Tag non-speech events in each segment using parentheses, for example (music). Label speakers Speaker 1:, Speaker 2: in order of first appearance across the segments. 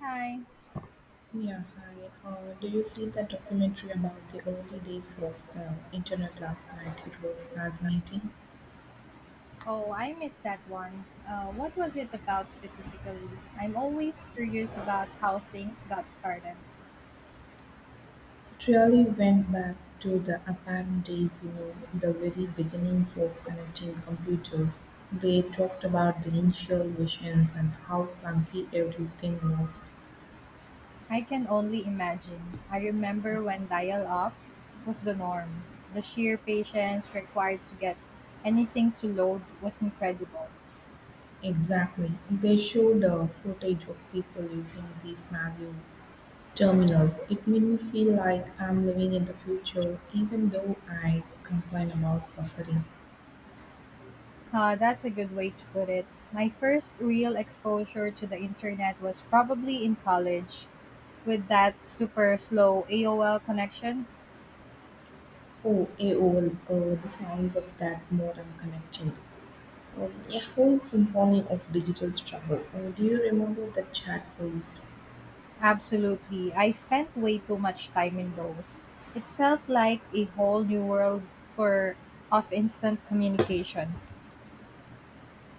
Speaker 1: Hi.
Speaker 2: Yeah, hi. Did you see that documentary about the early days of the internet last night? It was fascinating.
Speaker 1: Oh, I missed that one. What was it about specifically? I'm always curious about how things got started.
Speaker 2: It really went back to the apparent days, you know, the very beginnings of connecting computers. They talked about the initial visions and how clunky everything was.
Speaker 1: I can only imagine. I remember when dial up was the norm. The sheer patience required to get anything to load was incredible.
Speaker 2: Exactly. They showed footage of people using these massive terminals. It made me feel like I'm living in the future even though I complain about buffering.
Speaker 1: That's a good way to put it. My first real exposure to the internet was probably in college with that super slow AOL connection.
Speaker 2: Oh, AOL, the sounds of that more I'm connecting. A whole symphony of digital struggle. Do you remember the chat rooms?
Speaker 1: Absolutely. I spent way too much time in those. It felt like a whole new world for of instant communication.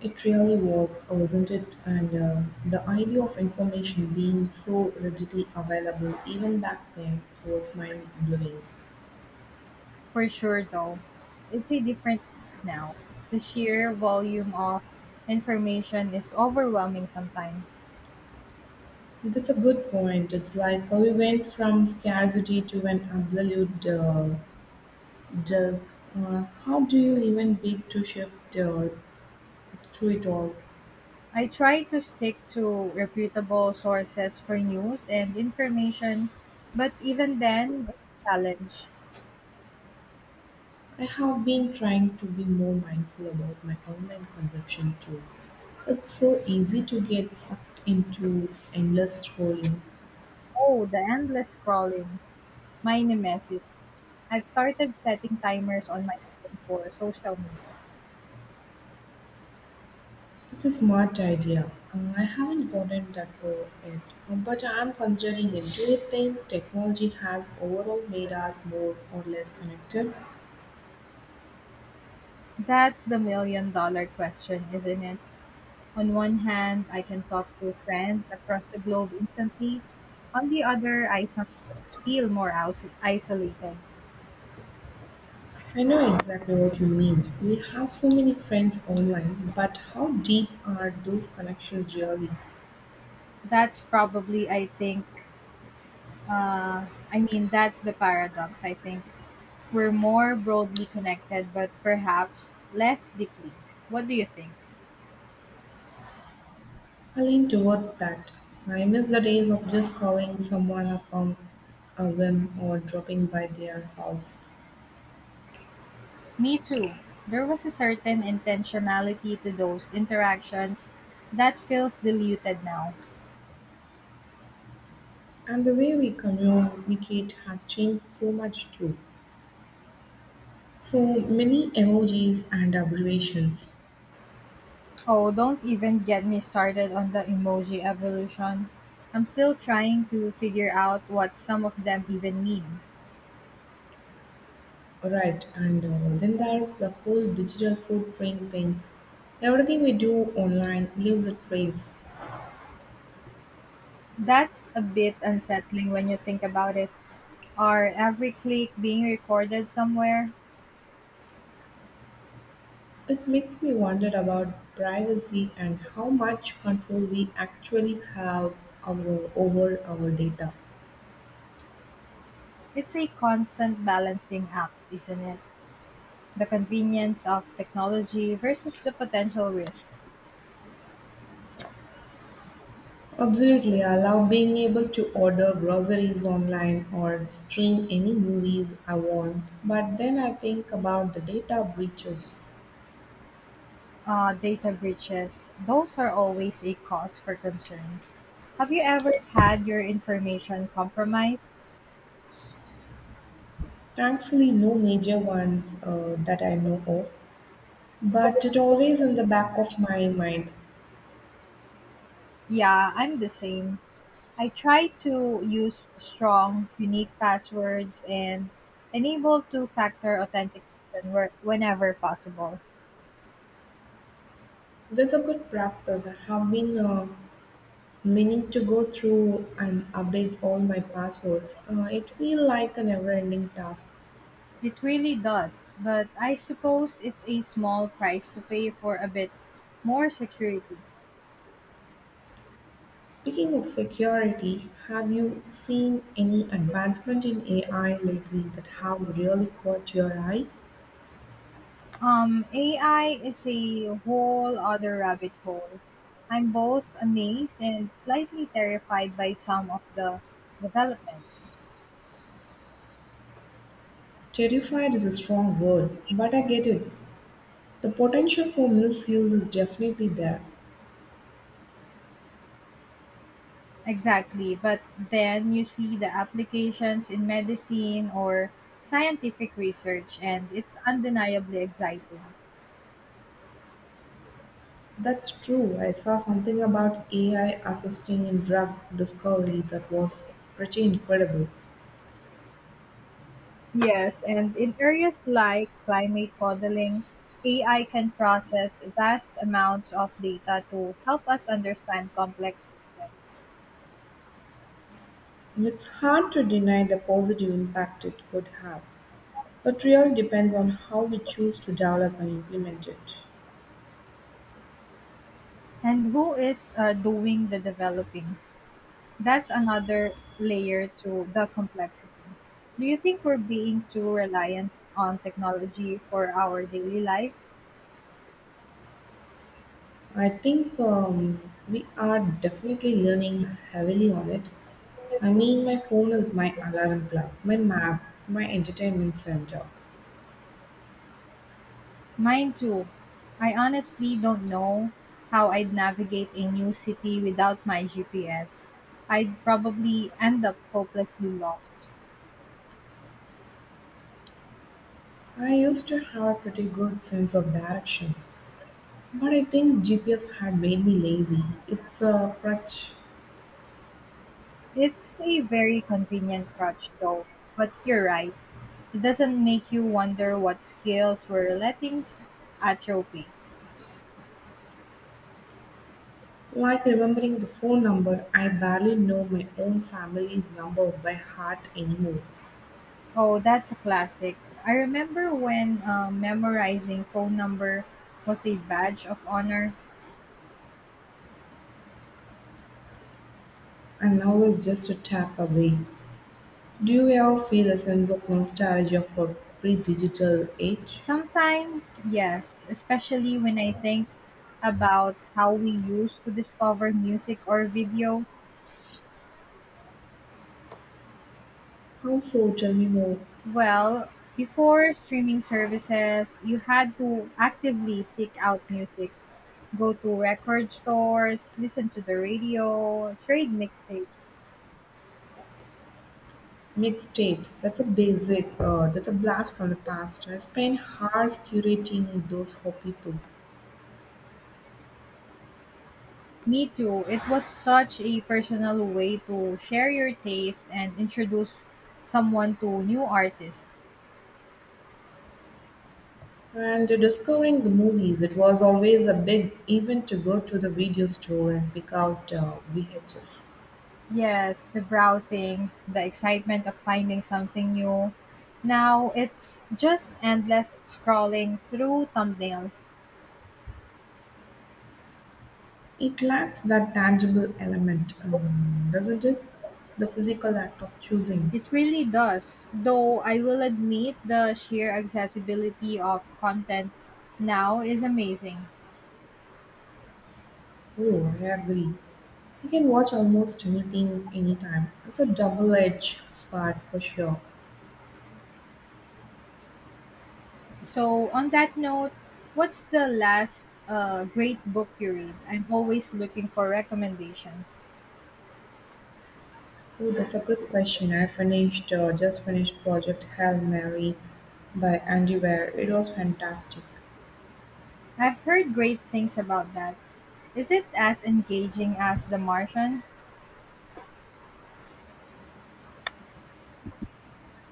Speaker 2: It really was, wasn't it? And the idea of information being so readily available even back then was mind blowing.
Speaker 1: For sure though. It's a difference now. The sheer volume of information is overwhelming sometimes.
Speaker 2: That's a good point. It's like we went from scarcity to an absolute dearth. How do you even begin to shift through it all?
Speaker 1: I try to stick to reputable sources for news and information, but even then it's a challenge.
Speaker 2: I have been trying to be more mindful about my online consumption too. It's so easy to get sucked into endless scrolling.
Speaker 1: Oh, the endless scrolling. My nemesis. I've started setting timers on my phone for social media.
Speaker 2: That's a smart idea. I haven't gotten that far yet, but I am considering it. Do you think technology has overall made us more or less connected?
Speaker 1: That's the million dollar question, isn't it? On one hand, I can talk to friends across the globe instantly. On the other, I sometimes feel more isolated.
Speaker 2: I know exactly what you mean. We have so many friends online, but how deep are those connections really?
Speaker 1: That's probably, I think, that's the paradox, I think. We're more broadly connected, but perhaps less deeply. What do you think?
Speaker 2: I lean towards that. I miss the days of just calling someone up on a whim or dropping by their house.
Speaker 1: Me too. There was a certain intentionality to those interactions that feels diluted now.
Speaker 2: And the way we communicate has changed so much too. So many emojis and abbreviations.
Speaker 1: Oh, don't even get me started on the emoji evolution. I'm still trying to figure out what some of them even mean.
Speaker 2: Right, and then there's the whole digital footprint thing. Everything we do online leaves a trace.
Speaker 1: That's a bit unsettling when you think about it. Are every click being recorded somewhere?
Speaker 2: It makes me wonder about privacy and how much control we actually have over our data.
Speaker 1: It's a constant balancing act, isn't it? The convenience of technology versus the potential risk.
Speaker 2: Absolutely, I love being able to order groceries online or stream any movies I want. But then I think about the data breaches.
Speaker 1: Data breaches, those are always a cause for concern. Have you ever had your information compromised?
Speaker 2: Thankfully, no major ones that I know of, but it always in the back of my mind.
Speaker 1: Yeah, I'm the same. I try to use strong, unique passwords and enable two factor authentication whenever possible.
Speaker 2: That's a good practice. I have been meaning to go through and update all my passwords. It feels like a never-ending task.
Speaker 1: It really does, but I suppose it's a small price to pay for a bit more security.
Speaker 2: Speaking of security, have you seen any advancement in AI lately that have really caught your eye?
Speaker 1: AI is a whole other rabbit hole. I'm both amazed and slightly terrified by some of the developments.
Speaker 2: Terrified is a strong word, but I get it. The potential for misuse is definitely there.
Speaker 1: Exactly, but then you see the applications in medicine or scientific research, and it's undeniably exciting.
Speaker 2: That's true. I saw something about AI assisting in drug discovery that was pretty incredible.
Speaker 1: Yes, and in areas like climate modeling, AI can process vast amounts of data to help us understand complex systems.
Speaker 2: It's hard to deny the positive impact it could have. It really depends on how we choose to develop and implement it.
Speaker 1: And who is doing the developing? That's another layer to the complexity. Do you think we're being too reliant on technology for our daily lives?
Speaker 2: I think we are definitely learning heavily on it. I mean, my phone is my alarm clock, my map, my entertainment center.
Speaker 1: Mine too. I honestly don't know how I'd navigate a new city without my GPS. I'd probably end up hopelessly lost.
Speaker 2: I used to have a pretty good sense of directions, but I think GPS had made me lazy. It's a crutch.
Speaker 1: It's a very convenient crutch, though, but you're right. It doesn't make you wonder what skills we're letting atrophy.
Speaker 2: Like remembering the phone number, I barely know my own family's number by heart anymore,
Speaker 1: Oh, that's a classic. I remember when memorizing phone number was a badge of honor.
Speaker 2: and now it's just a tap away. Do you ever feel a sense of nostalgia for pre digital age?
Speaker 1: Sometimes, yes, especially when I think about how we used to discover music or video.
Speaker 2: How so? Tell me more.
Speaker 1: Well, before streaming services, you had to actively seek out music, go to record stores, listen to the radio, trade mixtapes.
Speaker 2: Mixtapes, that's a basic, that's a blast from the past. I spent hours curating those for people.
Speaker 1: Me too. It was such a personal way to share your taste and introduce someone to new artists.
Speaker 2: And discovering the movies, it was always a big event to go to the video store and pick out VHS.
Speaker 1: Yes, the browsing, the excitement of finding something new. Now it's just endless scrolling through thumbnails.
Speaker 2: It lacks that tangible element, doesn't it? The physical act of choosing.
Speaker 1: It really does. Though I will admit the sheer accessibility of content now is amazing.
Speaker 2: Oh, I agree. You can watch almost anything, anytime. That's a double-edged sword for sure.
Speaker 1: So, on that note, what's the last great book you read? I'm always looking for recommendations.
Speaker 2: Oh, that's a good question. I finished, just finished Project Hail Mary by Andy Weir. It was fantastic.
Speaker 1: I've heard great things about that. Is it as engaging as The Martian?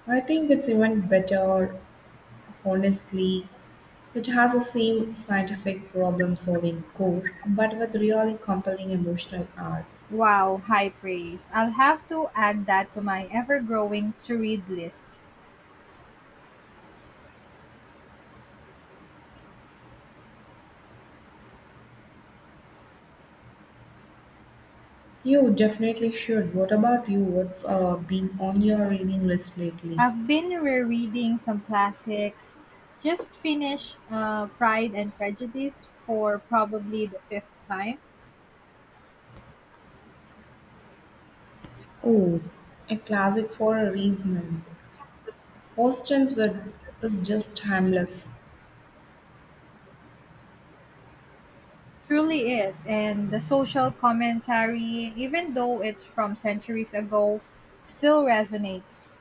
Speaker 2: I think it's even better, honestly. It has the same scientific problem-solving core, but with really compelling emotional arc.
Speaker 1: Wow, high praise. I'll have to add that to my ever growing to read list.
Speaker 2: You definitely should. What about you? What's been on your reading list lately?
Speaker 1: I've been rereading some classics. Just finished Pride and Prejudice for probably the fifth time.
Speaker 2: Oh, a classic for a reason. Austen's With is just timeless.
Speaker 1: Truly is. And the social commentary, even though it's from centuries ago, still resonates.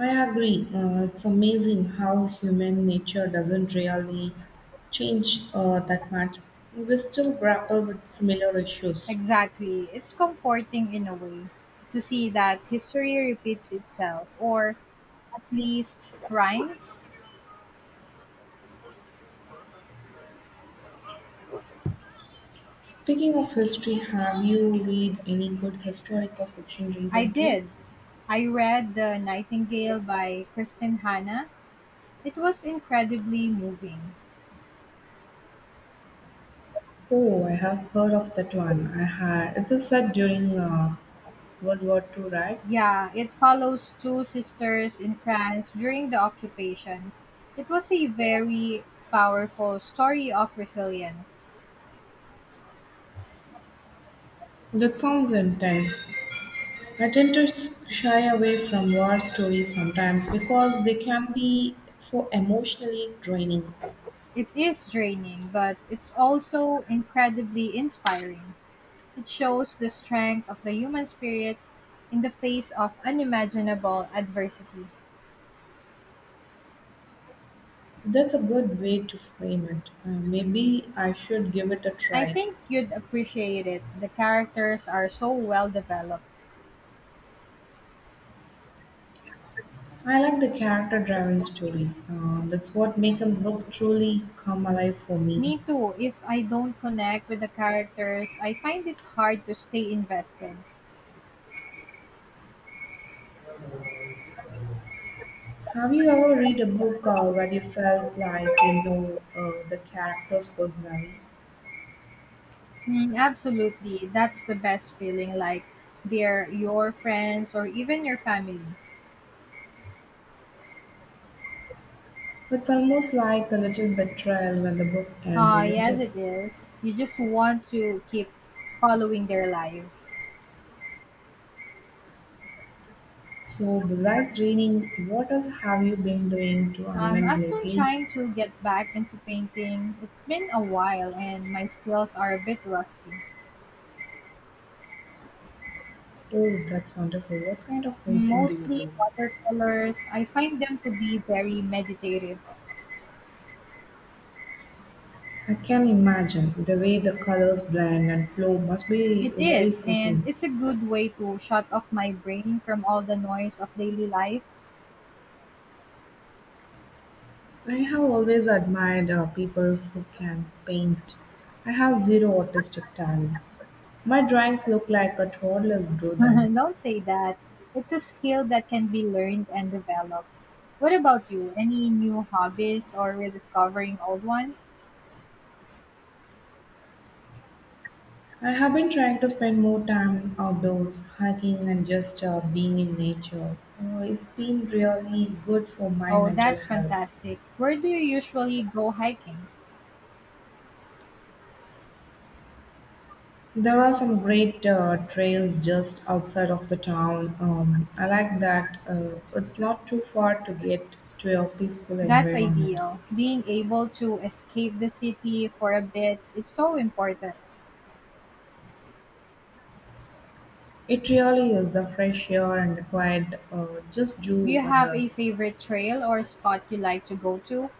Speaker 2: I agree. It's amazing how human nature doesn't really change that much. We still grapple with similar issues.
Speaker 1: Exactly. It's comforting in a way to see that history repeats itself, or at least rhymes.
Speaker 2: Speaking of history, have you read any good historical fiction
Speaker 1: I
Speaker 2: recently?
Speaker 1: did. I read The Nightingale by Kristen Hanna. It was incredibly moving.
Speaker 2: Oh, I have heard of that one. I had it is set during World War II, right?
Speaker 1: Yeah, it follows two sisters in France during the occupation. It was a very powerful story of resilience.
Speaker 2: That sounds intense. I tend to shy away from war stories sometimes because they can be so emotionally draining.
Speaker 1: It is draining, but it's also incredibly inspiring. It shows the strength of the human spirit in the face of unimaginable adversity.
Speaker 2: That's a good way to frame it. Maybe I should give it a
Speaker 1: I
Speaker 2: try.
Speaker 1: think you'd appreciate it. The characters are so well developed.
Speaker 2: I like the character-driven stories. That's what make a book truly come alive for me.
Speaker 1: Me too, if I don't connect with the characters, I find it hard to stay invested.
Speaker 2: Have you ever read a book where you felt like you know the characters personally?
Speaker 1: Mm, absolutely. That's the best feeling. Like they're your friends or even your family.
Speaker 2: It's almost like a little betrayal when the book ends,
Speaker 1: Ah,
Speaker 2: isn't
Speaker 1: yes,
Speaker 2: it?
Speaker 1: it is. You just want to keep following their lives.
Speaker 2: So, besides reading, what else have you been doing to unwind
Speaker 1: I've been
Speaker 2: lately?
Speaker 1: trying to get back into painting. It's been a while and my skills are a bit rusty.
Speaker 2: Oh, that's wonderful. What kind of painting do you
Speaker 1: Mostly
Speaker 2: do?
Speaker 1: watercolors. I find them to be very meditative.
Speaker 2: I can imagine the way the colors blend and flow must be
Speaker 1: It
Speaker 2: very
Speaker 1: is, and
Speaker 2: soothing.
Speaker 1: it's a good way to shut off my brain from all the noise of daily life.
Speaker 2: I have always admired people who can paint. I have zero artistic talent. My drawings look like a toddler drew
Speaker 1: (laughs)
Speaker 2: them.
Speaker 1: Don't say that. It's a skill that can be learned and developed. What about you? Any new hobbies or rediscovering old ones?
Speaker 2: I have been trying to spend more time outdoors, hiking, and just being in nature. It's been really good for my
Speaker 1: Oh,
Speaker 2: mental
Speaker 1: that's
Speaker 2: health.
Speaker 1: fantastic. Where do you usually go hiking?
Speaker 2: There are some great trails just outside of the town. I like that it's not too far to get to a peaceful
Speaker 1: That's
Speaker 2: environment.
Speaker 1: ideal. Being able to escape the city for a bit, it's so important.
Speaker 2: It really is the fresh air and the quiet just do
Speaker 1: Do you have a
Speaker 2: wonders.
Speaker 1: favorite trail or spot you like to go to?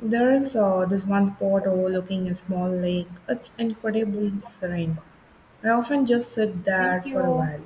Speaker 2: There is this one spot overlooking a small lake. It's incredibly serene. I often just sit
Speaker 1: Thank
Speaker 2: there for a
Speaker 1: you.
Speaker 2: while.